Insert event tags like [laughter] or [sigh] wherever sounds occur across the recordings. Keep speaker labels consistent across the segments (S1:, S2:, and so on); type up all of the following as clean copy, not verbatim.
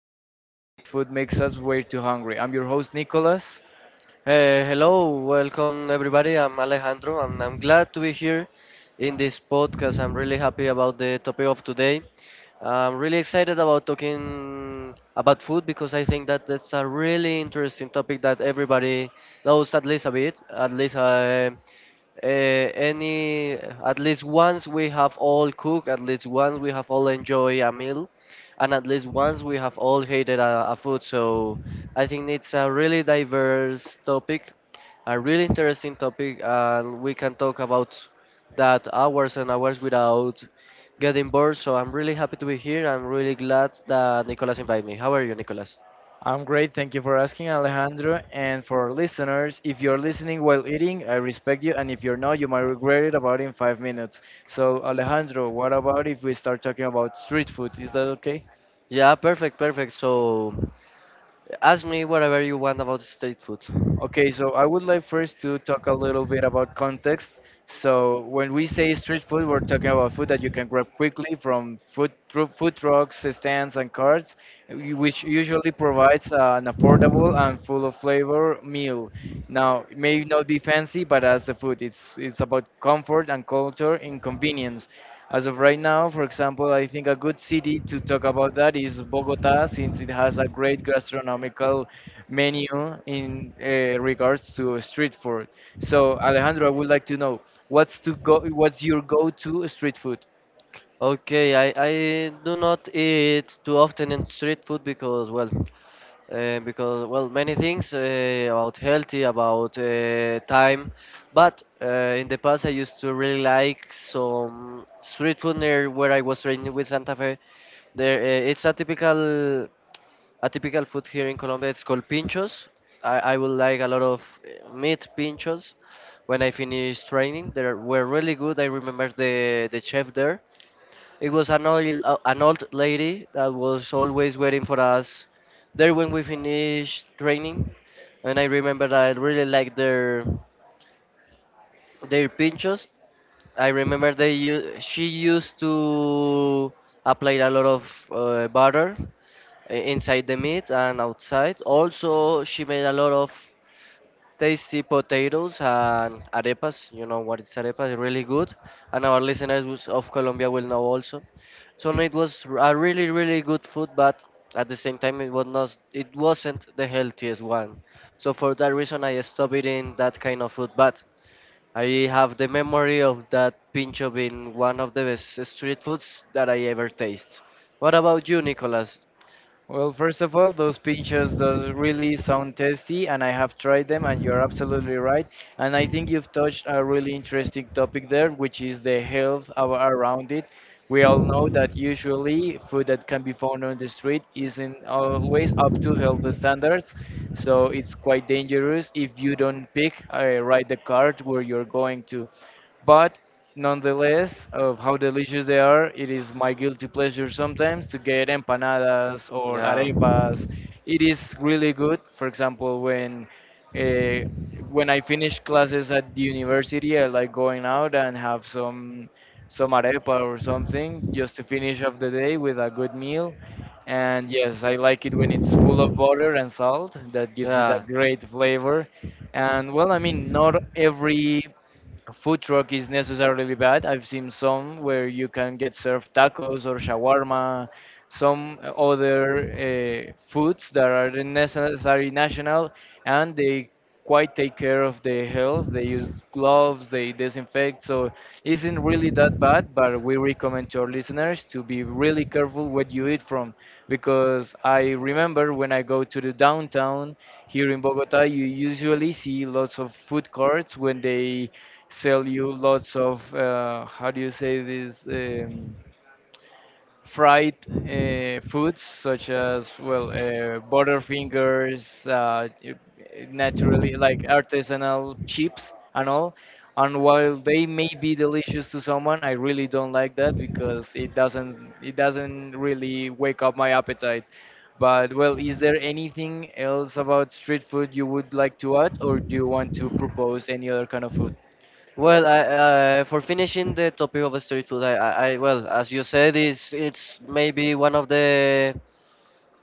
S1: miss, and what food makes us way too hungry. I'm your host, Nicolas.
S2: Hello, welcome everybody. I'm Alejandro, and I'm glad to be here in this podcast. I'm really happy about the topic of today. I'm really excited about talking about food because I think that that's a really interesting topic that everybody knows at least a bit, at least uh, any at least once we have all cooked, at least once we have all enjoyed a meal, and at least once we have all hated a food. So I think it's a really diverse topic, a really interesting topic, and we can talk about that hours and hours without getting bored. So I'm really happy to be here. I'm really glad that Nicolas invited me. How are you, Nicolas?
S1: I'm great, thank you for asking, Alejandro. And for our listeners, if you're listening while eating, I respect you, and if you're not, you might regret it about in 5 minutes. So, Alejandro, what about if we start talking about street food? Is that okay?
S2: Yeah, perfect, perfect. So ask me whatever you want about street food.
S1: Okay, so I would like first to talk a little bit about context. So when we say street food, we're talking about food that you can grab quickly from food trucks, stands, and carts, which usually provides an affordable and full of flavor meal. Now, it may not be fancy, but as the food, it's about comfort and culture and convenience. As of right now, for example, I think a good city to talk about that is Bogota, since it has a great gastronomical menu in regards to street food. So, Alejandro, I would like to know what's your go-to street food?
S2: Okay, I do not eat too often in street food because well many things about healthy about time but in the past I used to really like some street food near where I was training with Santa Fe there. It's a typical food here in Colombia. It's called pinchos. I would like a lot of meat pinchos when I finished training. They were really good. I remember the chef there. It was an old lady that was always waiting for us there when we finished training. And I remember I really liked their pinchos. I remember she used to apply a lot of butter inside the meat and outside. Also, she made a lot of tasty potatoes and arepas. You know what is arepas? Really good, and our listeners who's of Colombia will know also. So no, a really really good food, but at the same time it wasn't the healthiest one. So for that reason I stopped eating that kind of food. But I have the memory of that pincho being one of the best street foods that I ever taste. What about you, Nicolas?
S1: Well, first of all, those pinchos does really sound tasty, and I have tried them, and you're absolutely right. And I think you've touched a really interesting topic there, which is the health of, around it. We all know that usually food that can be found on the street isn't always up to health standards, so it's quite dangerous if you don't pick right the cart where you're going to. But. Nonetheless, of how delicious they are, it is my guilty pleasure sometimes to get empanadas or arepas. It is really good. For example, uh, when I finish classes at the university, I like going out and have some arepa or something just to finish off the day with a good meal. And yes, I like it when it's full of butter and salt. That gives it a
S2: Yeah.
S1: great flavor. And well, I mean, not every food truck is necessarily bad. I've seen some where you can get served tacos or shawarma, some other foods that are necessary national, and they quite take care of the health. They use gloves, they disinfect, so isn't really that bad. But we recommend to our listeners to be really careful what you eat from, because I remember when I go to the downtown here in Bogota, you usually see lots of food courts when they sell you lots of how do you say this, fried foods such as well butterfingers, naturally like artisanal chips and all. And while they may be delicious to someone, I really don't like that because it doesn't really wake up my appetite. But well, is there anything else about street food you would like to add? Or do you want to propose any other kind of food?
S2: Well, for finishing the topic of street food, I well, as you said, it's maybe one of the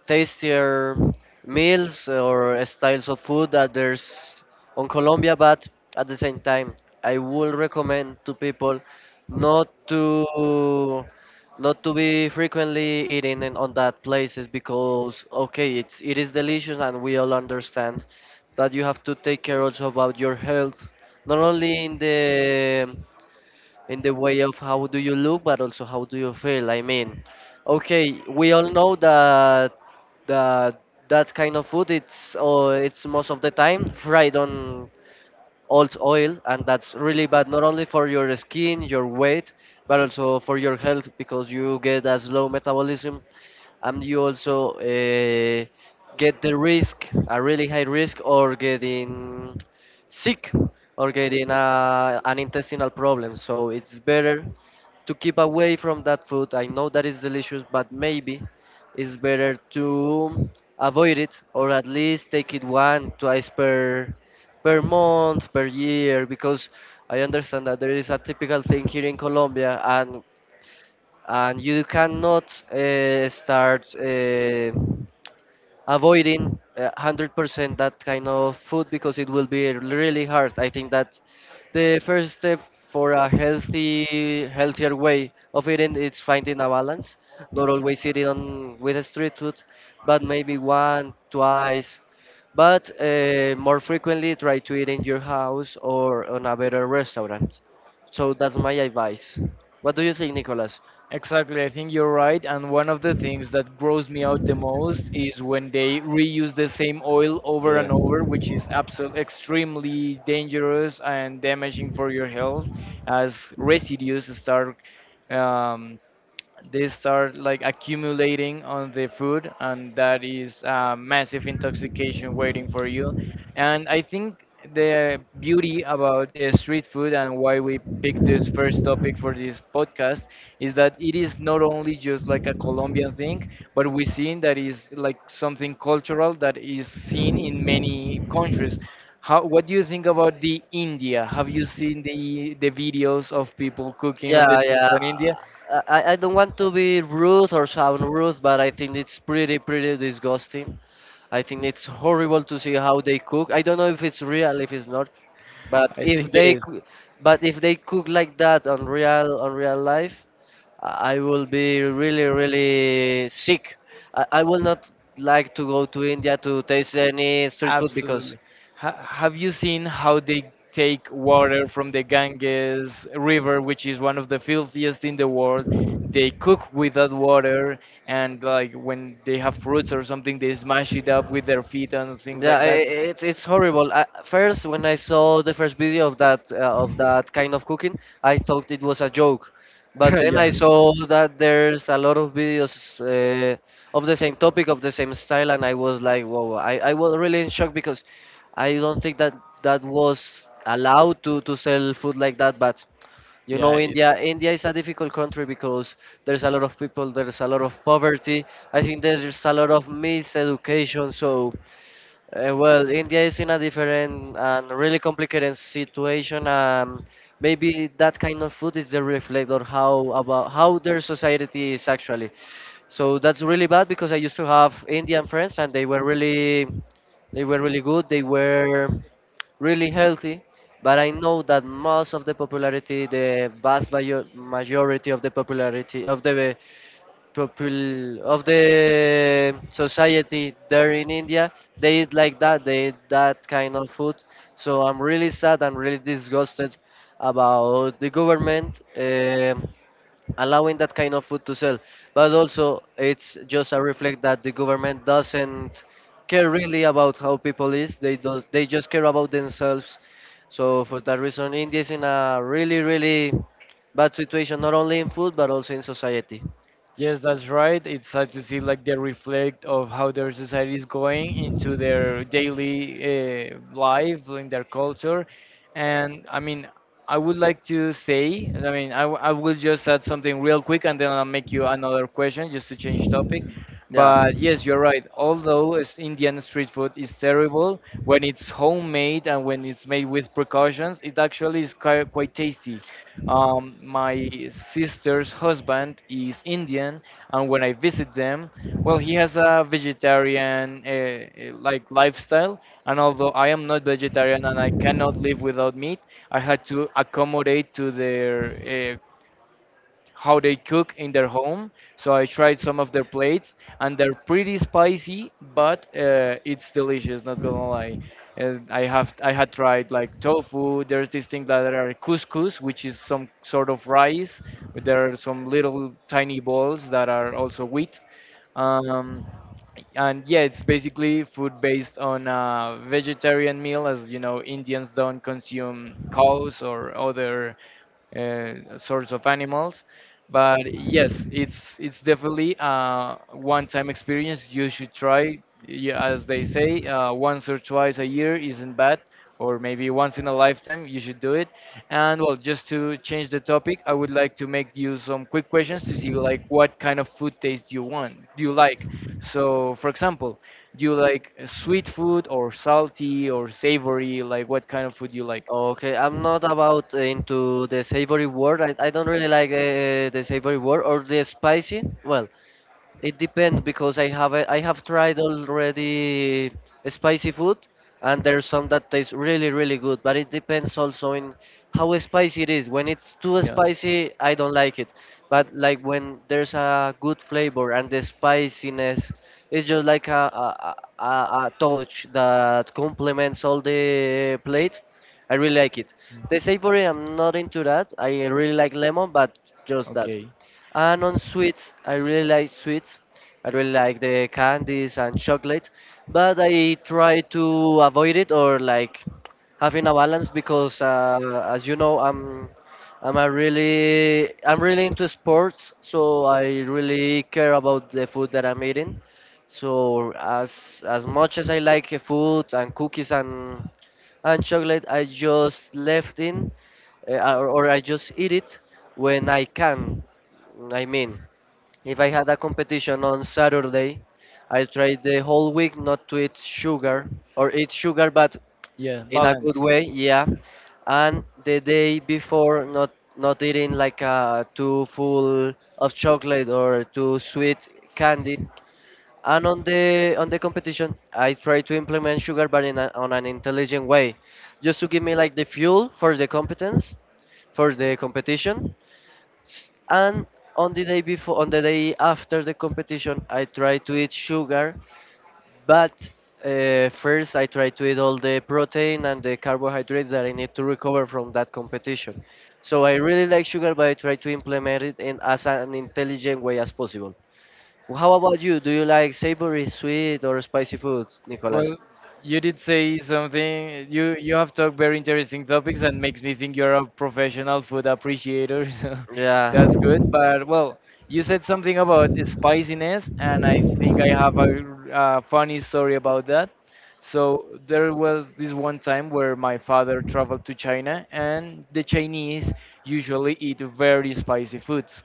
S2: tastier meals or styles of food that there's on Colombia, but at the same time, I would recommend to people not to not to be frequently eating in on that places because okay, it is delicious and we all understand that you have to take care also about your health, not only in the way of how do you look, but also how do you feel. I mean, okay, we all know that that that kind of food it's most of the time fried on old oil, and that's really bad not only for your skin, your weight, but also for your health because you get a slow metabolism and you also get the risk, a really high risk, or getting sick or getting an intestinal problem. So it's better to keep away from that food. I know that is delicious, but maybe it's better to avoid it or at least take it one, twice per per month, per year, because I understand that there is a typical thing here in Colombia, and you cannot start avoiding 100% that kind of food because it will be really hard. I think that the first step for a healthy, healthier way of eating is finding a balance, not always eating on, with the street food, but maybe one, twice, but more frequently try to eat in your house or on a better restaurant. So that's my advice. What do you think, Nicolas?
S1: Exactly, I think you're right. And one of the things that grows me out the most is when they reuse the same oil over and over, which is absolutely extremely dangerous and damaging for your health as residues um, start like accumulating on the food, and that is a massive intoxication waiting for you. And I think the beauty about street food, and why we picked this first topic for this podcast, is that it is not only just like a Colombian thing, but we seen that is like something cultural that is seen in many countries. How what do you think about the India? Have you seen the videos of people cooking on the
S2: Yeah, yeah.
S1: streets in India?
S2: I don't want to be rude or sound rude, but I think it's pretty, pretty disgusting. I think it's horrible to see how they cook. I don't know if it's real, if it's not, but
S1: I
S2: if
S1: think it
S2: they,
S1: is.
S2: coo- but if they cook like that on real life, I will be really, really sick. I will not like to go to India to taste any street food because
S1: Absolutely. Have you seen how they take water from the Ganges River, which is one of the filthiest in the world? They cook with that water, and like when they have fruits or something, they smash it up with their feet and things
S2: yeah,
S1: like that.
S2: it's horrible. I, first, when I saw the first video of that kind of cooking, I thought it was a joke, but
S1: [laughs]
S2: then
S1: Yeah,
S2: I saw that there's a lot of videos uh, of the same topic, of the same style, and I was like, whoa! I was really in shock because I don't think that that was allowed to sell food like that, but you
S1: yeah,
S2: know, India.
S1: it's
S2: India is a difficult country because there's a lot of people, there's a lot of poverty. I think there's just a lot of miseducation. So, well, India is in a different and really complicated situation. Maybe that kind of food is the reflect or how about how their society is actually. So that's really bad because I used to have Indian friends and they were really good. They were really healthy, but I know that most of the popularity, majority of the popularity of the popul of the society there in India, they eat like that. They eat that kind of food. So I'm really sad and really disgusted about the government. Allowing that kind of food to sell. But also, it's just a reflect that the government doesn't care really about how people is. They do not They just care about themselves. So for that reason, India is in a really, really bad situation, not only in food but also in society.
S1: yes, that's right. It's sad to see like the reflect of how their society is going into their daily life, in their culture, and I mean, I would like to say, I mean, I will just add something real quick, and then I'll make you another question just to change topic.
S2: Yeah.
S1: But yes, you're right. Although Indian street food is terrible, when it's homemade and when it's made with precautions, it actually is quite, quite tasty. My sister's husband is Indian, and when I visit them, well, he has a vegetarian like lifestyle, and although I am not vegetarian and I cannot live without meat, I had to accommodate to their how they cook in their home. So I tried some of their plates, and they're pretty spicy, but it's delicious. Not gonna lie, and I had tried like tofu. There's this thing that are couscous, which is some sort of rice, but there are some little tiny balls that are also wheat. Um, and yeah, it's basically food based on a vegetarian meal, as you know, Indians don't consume cows or other sorts of animals. But yes, it's definitely a one-time experience. You should try, as they say, once or twice a year isn't bad, or maybe once in a lifetime you should do it. And well, just to change the topic, I would like to make you some quick questions to see like what kind of food taste you like. So, for example, do you like sweet food or salty or savory? Like what kind of food you like?
S2: Okay, I'm not about into the savory word. I don't really like the savory word or the spicy. Well, it depends because I have tried already spicy food and there's some that taste really really good but it depends also in how spicy it is. When it's too
S1: Yeah.
S2: spicy I don't like it. But like when there's a good flavor and the spiciness it's just like a touch that complements all the plate. I really like it. The savory I'm not into that. I really like lemon but just that.
S1: Okay.
S2: And on sweets, I really like sweets. I really like the candies and chocolate, but I try to avoid it or like having a balance because, as you know, I'm a really I'm really into sports, so I really care about the food that I'm eating. So as much as I like food and cookies and chocolate I just left in or I just eat it when I can. I mean, if I had a competition on Saturday, I tried the whole week not to eat sugar or eat sugar, but
S1: Yeah,
S2: in a good
S1: balanced.
S2: way, yeah. And the day before, not not eating like too full of chocolate or too sweet candy. And on the competition, I try to implement sugar, but on an intelligent way, just to give me like the fuel for the competence, for the competition. And on the day before, on the day after the competition, I try to eat sugar, but first I try to eat all the protein and the carbohydrates that I need to recover from that competition. So I really like sugar, but I try to implement it in as an intelligent way as possible. How about you? Do you like savory, sweet, or spicy foods, Nicolas?
S1: Well, you did say something. You have talked very interesting topics and makes me think you're a professional food appreciator. [laughs] So
S2: Yeah,
S1: that's good. But well, you said something about spiciness, and I think I have a funny story about that. So there was this one time where my father traveled to China, and the Chinese usually eat very spicy foods,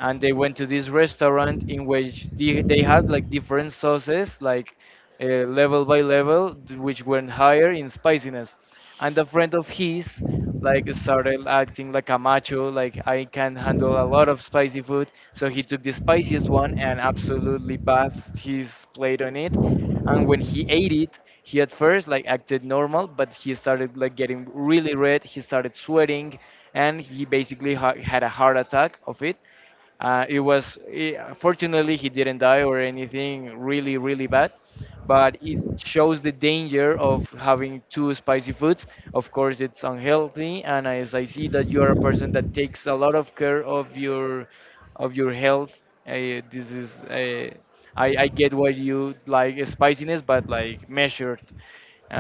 S1: and they went to this restaurant in which they had like different sauces like level by level, which went higher in spiciness. And a friend of his like started acting like a macho, like, I can handle a lot of spicy food. So he took the spiciest one and absolutely bathed his plate on it, and when he ate it, he at first like acted normal, but he started like getting really red, he started sweating, and he basically had a heart attack of it. It was, fortunately he didn't die or anything really really bad, but it shows the danger of having two spicy foods. Of course, it's unhealthy, and as I see that you are a person that takes a lot of care of your health, uh, this is I get what you like spiciness, but like measured.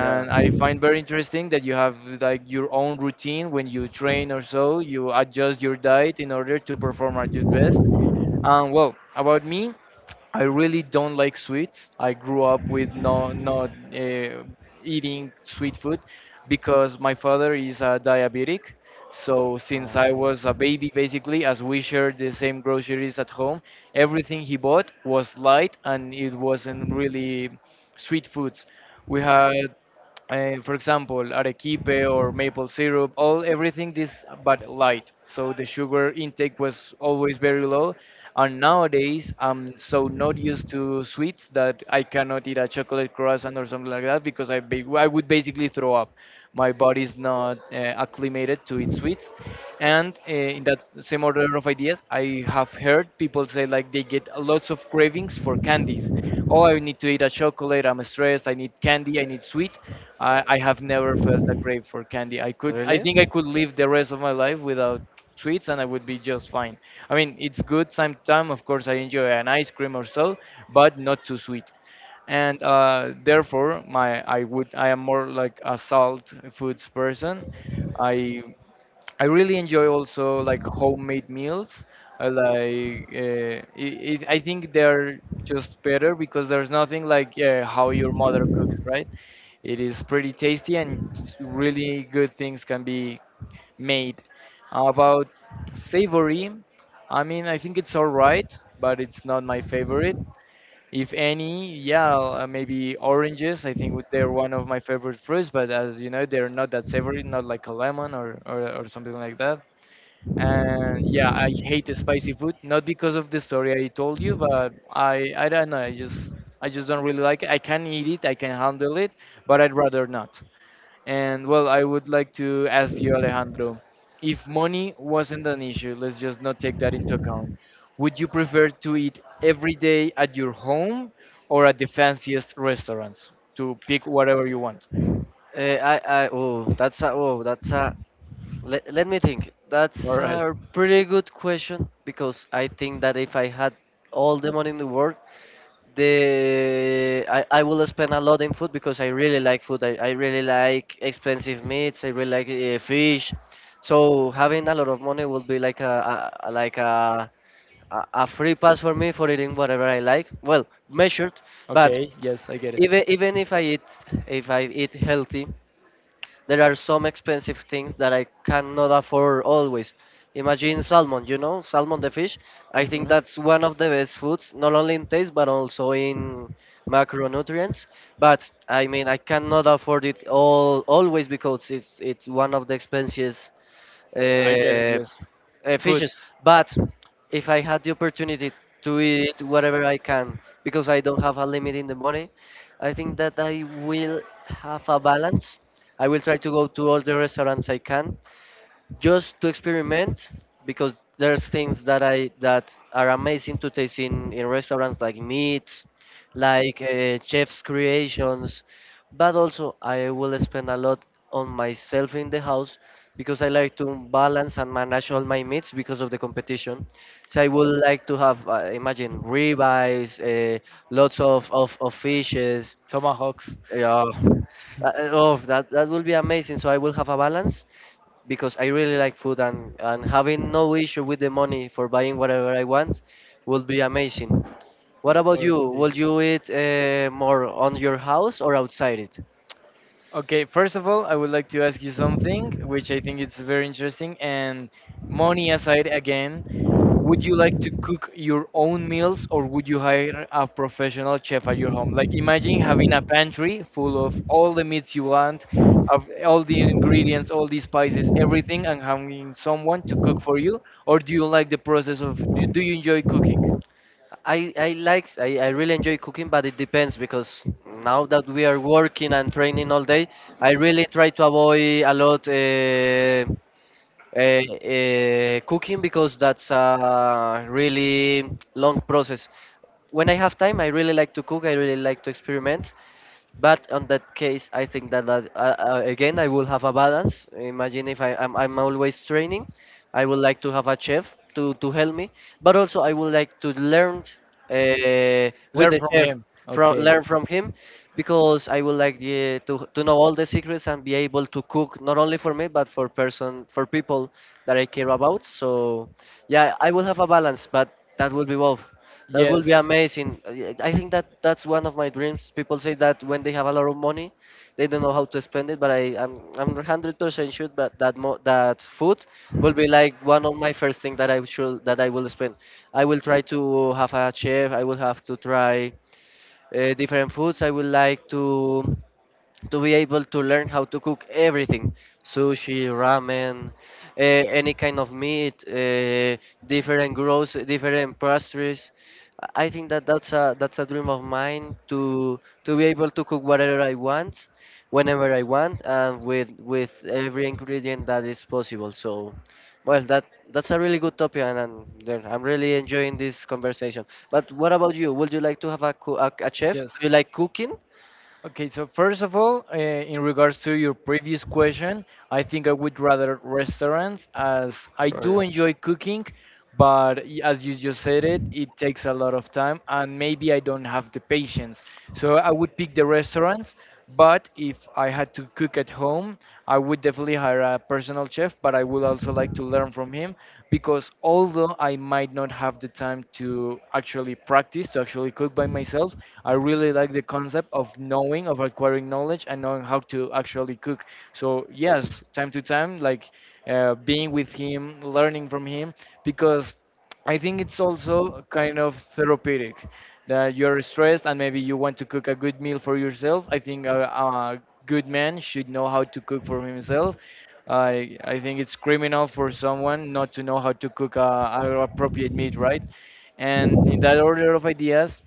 S2: yeah.
S1: I find very interesting that you have like your own routine when you train or so. You adjust your diet in order to perform at your best. And well, about me, I really don't like sweets. I grew up with no not eating sweet food because my father is a diabetic. So since I
S2: Um,
S1: was a baby, basically, as we shared the same groceries at home, everything he bought was light and it wasn't really sweet foods. We had for example, arequipe or maple syrup, all everything this but light. So the sugar intake was always very low. And nowadays, I'm so not used to sweets that I cannot eat a chocolate croissant or something like that because I would basically throw up. My body's not acclimated to eat sweets. And in that same order of ideas, I have heard people say like they get lots of cravings for candies. Oh, I need to eat a chocolate, I'm stressed, I need candy, I need sweet. I have never felt a crave for candy. I think I
S2: really?
S1: could live the rest of my life without sweets and I would be just fine. I mean, it's good sometime. Of course, I enjoy an ice cream or so, but not too sweet. And therefore, my I would I am more like a salt foods person. I I really enjoy also like homemade meals. I like I think they're just better because there's nothing like how your mother cooks, right? It is pretty tasty and really good things can be made. About savory, I mean, I think it's all right, but it's not my favorite. If any, yeah, maybe oranges. I think they're one of my favorite fruits, but as you know, they're not that savory, not like a lemon or something like that. And yeah, I hate the spicy food, not because of the story I told you, but I don't know, I just I just don't really like it. I can eat it, I can handle it, but I'd rather not. And well, I would like to ask you, Alejandro, if money wasn't an issue, let's just not take that into account, would you prefer to eat every day at your home or at the fanciest restaurants to pick whatever you want?
S2: Eh, I, oh, that's a, Let, let me think.
S1: All
S2: That's
S1: right.
S2: a pretty good question because I think that if I had all the money in the world, I will spend a lot in food because I really like food. I really like expensive meats. I really like fish. So having a lot of money would be like like a free pass for me for eating whatever I like. Well, measured, but
S1: Okay, yes, I get it.
S2: even if I eat healthy, there are some expensive things that I cannot afford always. Imagine salmon, you know, salmon the fish. I think
S1: Mhm.
S2: that's one of the best foods, not only in taste but also in macronutrients. But I mean, I cannot afford it all always because it's one of the expensive uh,
S1: I get it, yes.
S2: fishes.
S1: Foods.
S2: But if I had the opportunity to eat whatever I can, because I don't have a limit in the money, I think that I will have a balance. I will try to go to all the restaurants I can, just to experiment because there's things that I that are amazing to taste in restaurants like meats, like chef's creations, but also I will spend a lot on myself in the house because I like to balance and manage all my meats because of the competition. So I would like to have imagine ribeyes, lots of fishes.
S1: Tomahawks.
S2: Yeah, oh, that will be amazing. So I will have a balance because I really like food, and having no issue with the money for buying whatever I want would be amazing. What about you?
S1: Okay.
S2: Will you eat more on your house or outside it?
S1: Okay, first of all, I would like to ask you something, which I think is very interesting. And money aside, again, would you like to cook your own meals, or would you hire a professional chef at your home? Like, imagine having a pantry full of all the meats you want, of all the ingredients, all the spices, everything, and having someone to cook for you. Or do you like the process of? Do you enjoy cooking?
S2: I really enjoy cooking, but it depends because now that we are working and training all day, I really try to avoid a lot uh, cooking because that's a really long process. When I have time, I really like to cook, I really like to experiment. But on that case, I think that again, I will have a balance. Imagine if I'm always training, I would like to have a chef to help me, but also I would like to learn with
S1: Learn
S2: the
S1: from
S2: chef,
S1: him.
S2: from
S1: Okay.
S2: learn from him, because I would like to know all the secrets and be able to cook not only for me, but for person for people that I care about. So yeah, I will have a balance, but that will be both. That will be
S1: Yes.
S2: amazing. Yeah, I think that that's one of my dreams. People say that when they have a lot of money, they don't know how to spend it, but I'm 100% sure that that mo that food will be like one of my first thing that I should that I will spend. I will try to have a chef. I will have to try different foods. I would like to be able to learn how to cook everything: sushi, ramen, any kind of meat, different gross, different pastries. I think that that's a dream of mine, to be able to cook whatever I want, whenever I want, and with every ingredient that is possible. So well, that that's a really good topic, and then I'm really enjoying this conversation. But what about you? Would you like to have a, a chef? Do you
S1: Yes.
S2: like cooking?
S1: Okay, so first of all, in regards to your previous question, I think I would rather restaurants as I do
S2: Or-
S1: enjoy cooking, but y- as you just said it, it takes a lot of time and maybe I don't have the patience. So I would pick the restaurants, but if I had to cook at home, I would definitely hire a personal chef, but I would also like to learn from him because although I might not have the time to actually practice, to actually cook by myself, I really like the concept of knowing, of acquiring knowledge and knowing how to actually cook. So, yes, time to time, like being with him, learning from him, because I think it's also kind of therapeutic that you're stressed and maybe you want to cook a good meal for yourself. I think a good man should know how to cook for himself. I think it's criminal for someone not to know how to cook a appropriate meat, right? And in that order of ideas,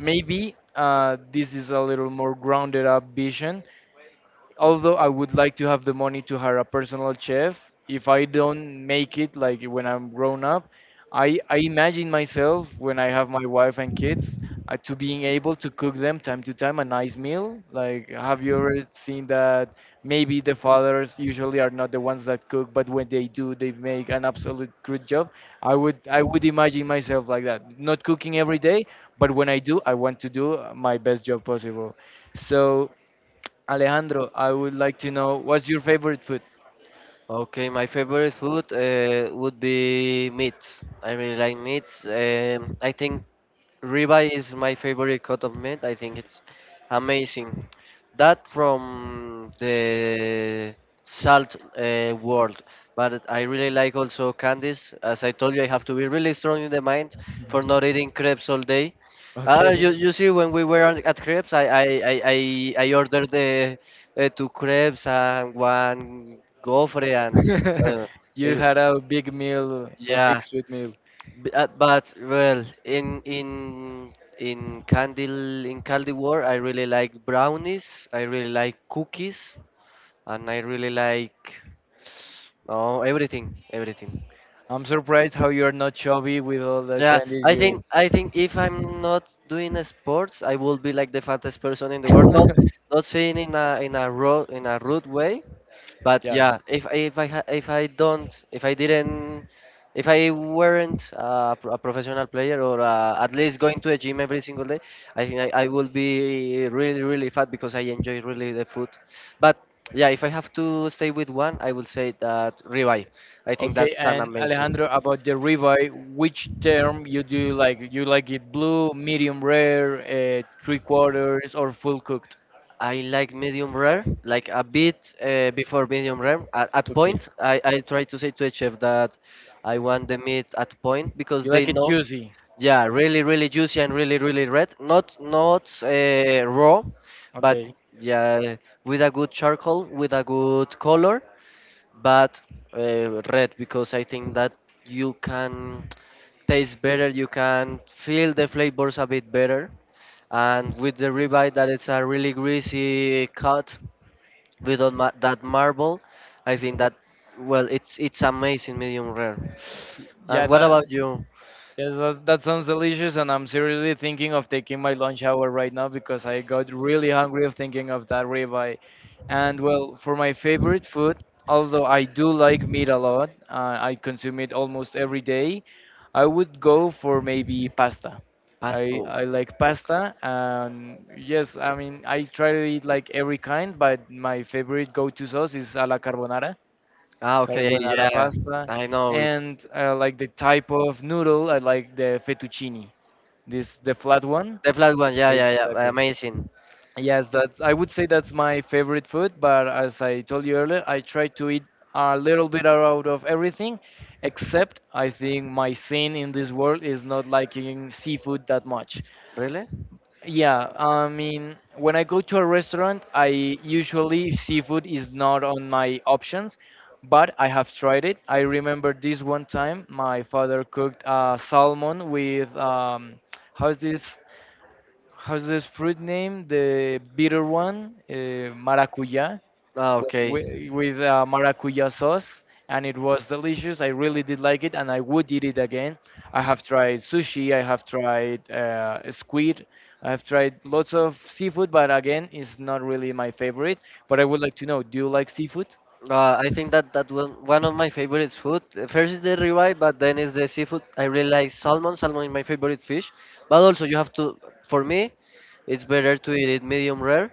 S1: maybe this is a little more grounded up vision, although I would like to have the money to hire a personal chef, if I don't make it like when I'm grown up, I imagine myself when I have my wife and kids to being able to cook them time to time a nice meal. Like, have you ever seen that maybe the fathers usually are not the ones that cook, but when they do, they make an absolute good job. I would imagine myself like that, not cooking every day, but when I do, I want to do my best job possible. So Alejandro, I would like to know, what's your favorite food?
S2: Okay, my favorite food would be meats. I really like meats. I think ribeye is my favorite cut of meat. I think it's amazing. That from the salt world, but I really like also candies. As I told you, I have to be really strong in the mind for not eating crepes all day. Uh,
S1: Okay.
S2: you, you see, when we were at crepes, I ordered the two crepes and one gofre, and uh,
S1: [laughs] You
S2: it-
S1: had a big meal, a big
S2: yeah.
S1: sweet meal.
S2: But well, in Candle in Candy War, I really like brownies. I really like cookies, and I really like oh everything, everything.
S1: I'm surprised how you're not chubby with all the
S2: Yeah,
S1: candies
S2: I
S1: you eat.
S2: think I
S1: [laughs]
S2: think if I'm not doing a sports, I will be like the fattest person in the world. Not not saying in a ro in a rude way. But
S1: Yeah.
S2: yeah, if I ha- if I don't if I didn't if I weren't a, a professional player, or at least going to the gym every single day, I think I will be really really fat because I enjoy really the food. But yeah, if I have to stay with one, I will say that ribeye. I think
S1: Okay,
S2: that's an
S1: and
S2: amazing.
S1: Alejandro, about the ribeye, which term you do you like? You like it blue, medium rare, three quarters, or full cooked?
S2: I like medium rare, like a bit before medium rare. At
S1: Okay.
S2: point, I try to say to the chef that I want the meat at point because
S1: You
S2: they
S1: like it
S2: know,
S1: juicy?
S2: yeah, really, really juicy and really, really red. Not not raw, but
S1: Okay.
S2: yeah, with a good charcoal, with a good color, but red because I think that you can taste better, you can feel the flavors a bit better, and with the ribeye that it's a really greasy cut, without that marble, I think that well, it's amazing medium rare.
S1: Y- Yeah,
S2: And what
S1: that.
S2: about you?
S1: Yes, that, that sounds delicious, and I'm seriously thinking of taking my lunch hour right now because I got really hungry of thinking of that ribeye. And well, for my favorite food, although I do like meat a lot, I consume it almost every day. I would go for maybe pasta.
S2: Pass
S1: I
S2: oh.
S1: I like pasta, and yes, I mean, I try to eat like every kind, but my favorite go-to sauce is a la carbonara,
S2: Ah, okay,
S1: carbonara
S2: yeah,
S1: pasta,
S2: I know it.
S1: and I like the type of noodle. I like the fettuccine, this the flat one.
S2: The flat one, yeah, yeah, yeah,
S1: Exactly.
S2: amazing.
S1: Yes, that, I would say that's my favorite food. But as I told you earlier, I try to eat a little bit out of everything, except I think my sin in this world is not liking seafood that much.
S2: Really.
S1: Yeah, I mean, when I go to a restaurant, I usually seafood is not on my options, but I have tried it. I remember this one time my father cooked salmon with how's this how's this fruit name? The bitter one, maracuya
S2: Ah, okay.
S1: with, with maracuja sauce, and it was delicious. I really did like it and I would eat it again. I have tried sushi, I have tried squid, I have tried lots of seafood, but again, it's not really my favorite. But I would like to know, do you like seafood?
S2: I think that one of my favorite food. First is the ribeye, but then is the seafood. I really like salmon. Salmon is my favorite fish, but also you have to. For me, it's better to eat it medium rare.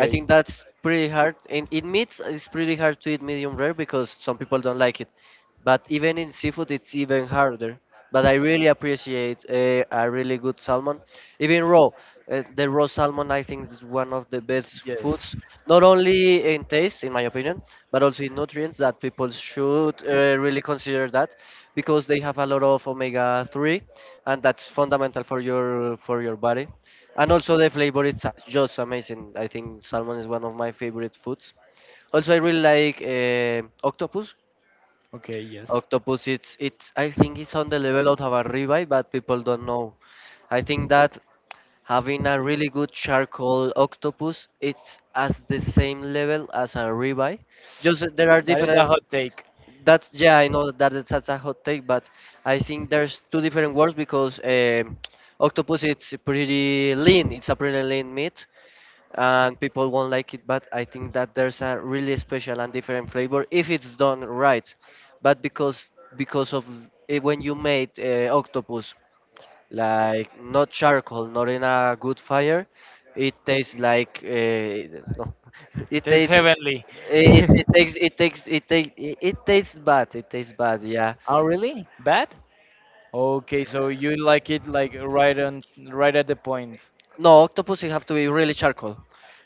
S2: I think that's pretty hard. In meats, it's pretty hard to eat medium rare because some people don't like it. But even in seafood, it's even harder. But I really appreciate a really good salmon, even raw. The raw salmon, I think, is one of the best
S1: yes.
S2: foods, not only in taste in my opinion, but also in nutrients, that people should really consider that, because they have a lot of omega 3, and that's fundamental for your body. And also the flavor is a- just amazing. I think salmon is one of my favorite foods. Also, I really like octopus.
S1: Okay, yes.
S2: Octopus, it's, I think it's on the level of a ribeye, but people don't know. I think that having a really good charcoal octopus, it's at the same level as a ribeye. Just that there are
S1: That is a
S2: different.
S1: hot take.
S2: That's yeah, I know that it's such a hot take, but I think there's two different words because octopus, it's pretty lean. It's a pretty lean meat, and people won't like it. But I think that there's a really special and different flavor if it's done right. But because of when you made octopus like not charcoal, not in a good fire, it tastes like no, [laughs]
S1: It
S2: it
S1: tastes
S2: tastes
S1: heavenly. [laughs]
S2: it, it takes it takes it take it, it tastes bad. It tastes bad. Yeah.
S1: Oh, really? Bad? Okay, so you like it like right on, right at the point.
S2: No, octopus it have to be really charcoal.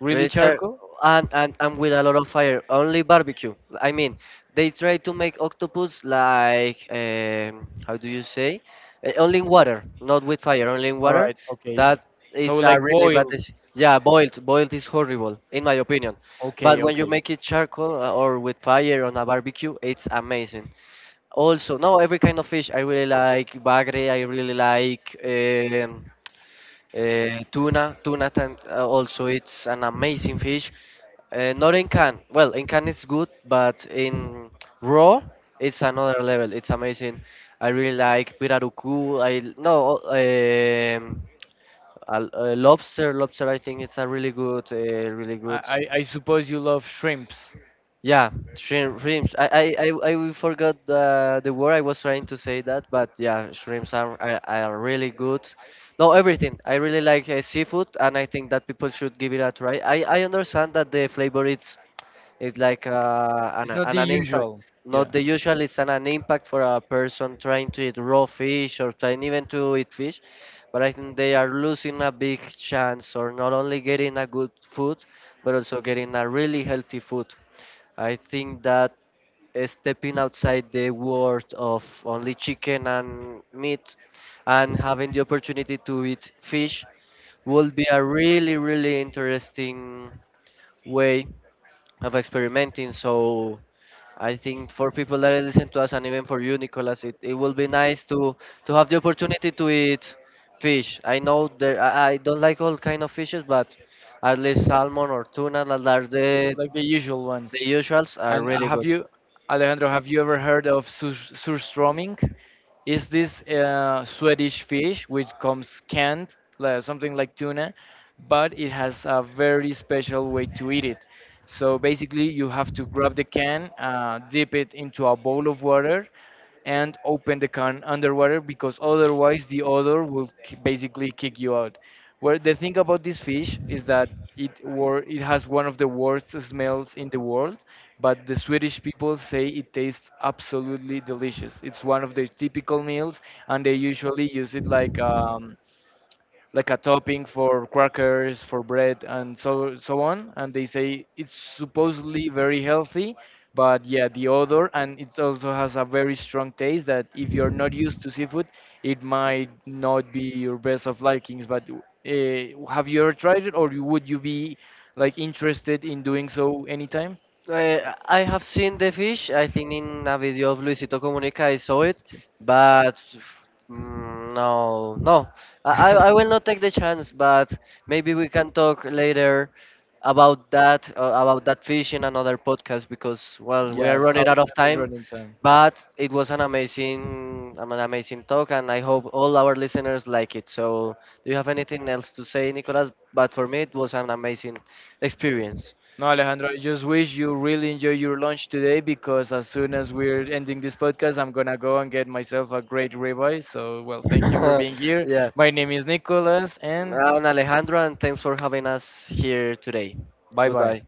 S1: Really
S2: Richard,
S1: charcoal?
S2: and with a lot of fire, only barbecue. I mean, they try to make octopus like, how do you say? Only in water, not with fire, only in
S1: All
S2: water.
S1: right, okay.
S2: That
S1: So
S2: is a
S1: like
S2: really bad
S1: boiled.
S2: decision. Yeah, boiled. Boiled is horrible, in my opinion. But
S1: Okay,
S2: when you
S1: okay.
S2: make it charcoal or with fire on a barbecue, it's amazing. Also, no, every kind of fish. I really like bagre. I really like tuna. Tuna, also, it's an amazing fish. Not in can. Well, in can it's good, but in raw it's another level. It's amazing. I really like pirarucu. I l- no lobster. Lobster. I think it's a really good, really
S1: I
S2: good.
S1: I, I suppose you love shrimps.
S2: Yeah, shrimps. I forgot the word I was trying to say that, but yeah, shrimps are really good. No, everything. I really like seafood, and I think that people should give it a try. I understand that the flavor is, it's like
S1: It's not the
S2: an impact,
S1: usual.
S2: not
S1: Yeah.
S2: the usual, it's an impact for a person trying to eat raw fish or trying even to eat fish. But I think they are losing a big chance, or not only getting a good food, but also getting a really healthy food. I think that stepping outside the world of only chicken and meat and having the opportunity to eat fish would be a really, really interesting way of experimenting. So I think for people that listen to us and even for you, Nicolas, it will be nice to have the opportunity to eat fish. I know there I don't like all kind of fishes, but at least salmon or tuna, that are
S1: Okay, like the usual ones.
S2: the usuals, are
S1: And
S2: really good.
S1: Alejandro, have you ever heard of sur- surströmming? Is this Swedish fish which comes canned, like something like tuna, but it has a very special way to eat it. So basically, you have to grab the can, dip it into a bowl of water, and open the can underwater because otherwise the odor will ki- basically kick you out. Where the thing about this fish is that it wor- it has one of the worst smells in the world, but the Swedish people say it tastes absolutely delicious. It's one of their typical meals, and they usually use it like a topping for crackers, for bread, and so so on. And they say it's supposedly very healthy, but yeah, the odor, and it also has a very strong taste that if you're not used to seafood, it might not be your best of likings. But have you ever tried it, or you- would you be like interested in doing so anytime?
S2: I have seen the fish. I think in a video of Luisito Comunica I saw it,
S1: Okay.
S2: but no, no. I will
S1: [laughs]
S2: not take the chance. But maybe we can talk later about that fish in another podcast, because well, we are
S1: Yes, our
S2: running out of
S1: time is
S2: time.
S1: running time.
S2: But it was an amazing talk, and I hope all our listeners like it. So do you have anything else to say, Nicolas? But for me, it was an amazing experience.
S1: No, Alejandro, I just wish you really enjoy your lunch today because as soon as we're ending this podcast, I'm gonna go and get myself a great ribeye. So, well, thank you
S2: [laughs]
S1: for being here.
S2: Yeah.
S1: My name is Nicholas, and
S2: And Alejandro, and thanks for having us here today.
S1: bye bye.
S2: Goodbye.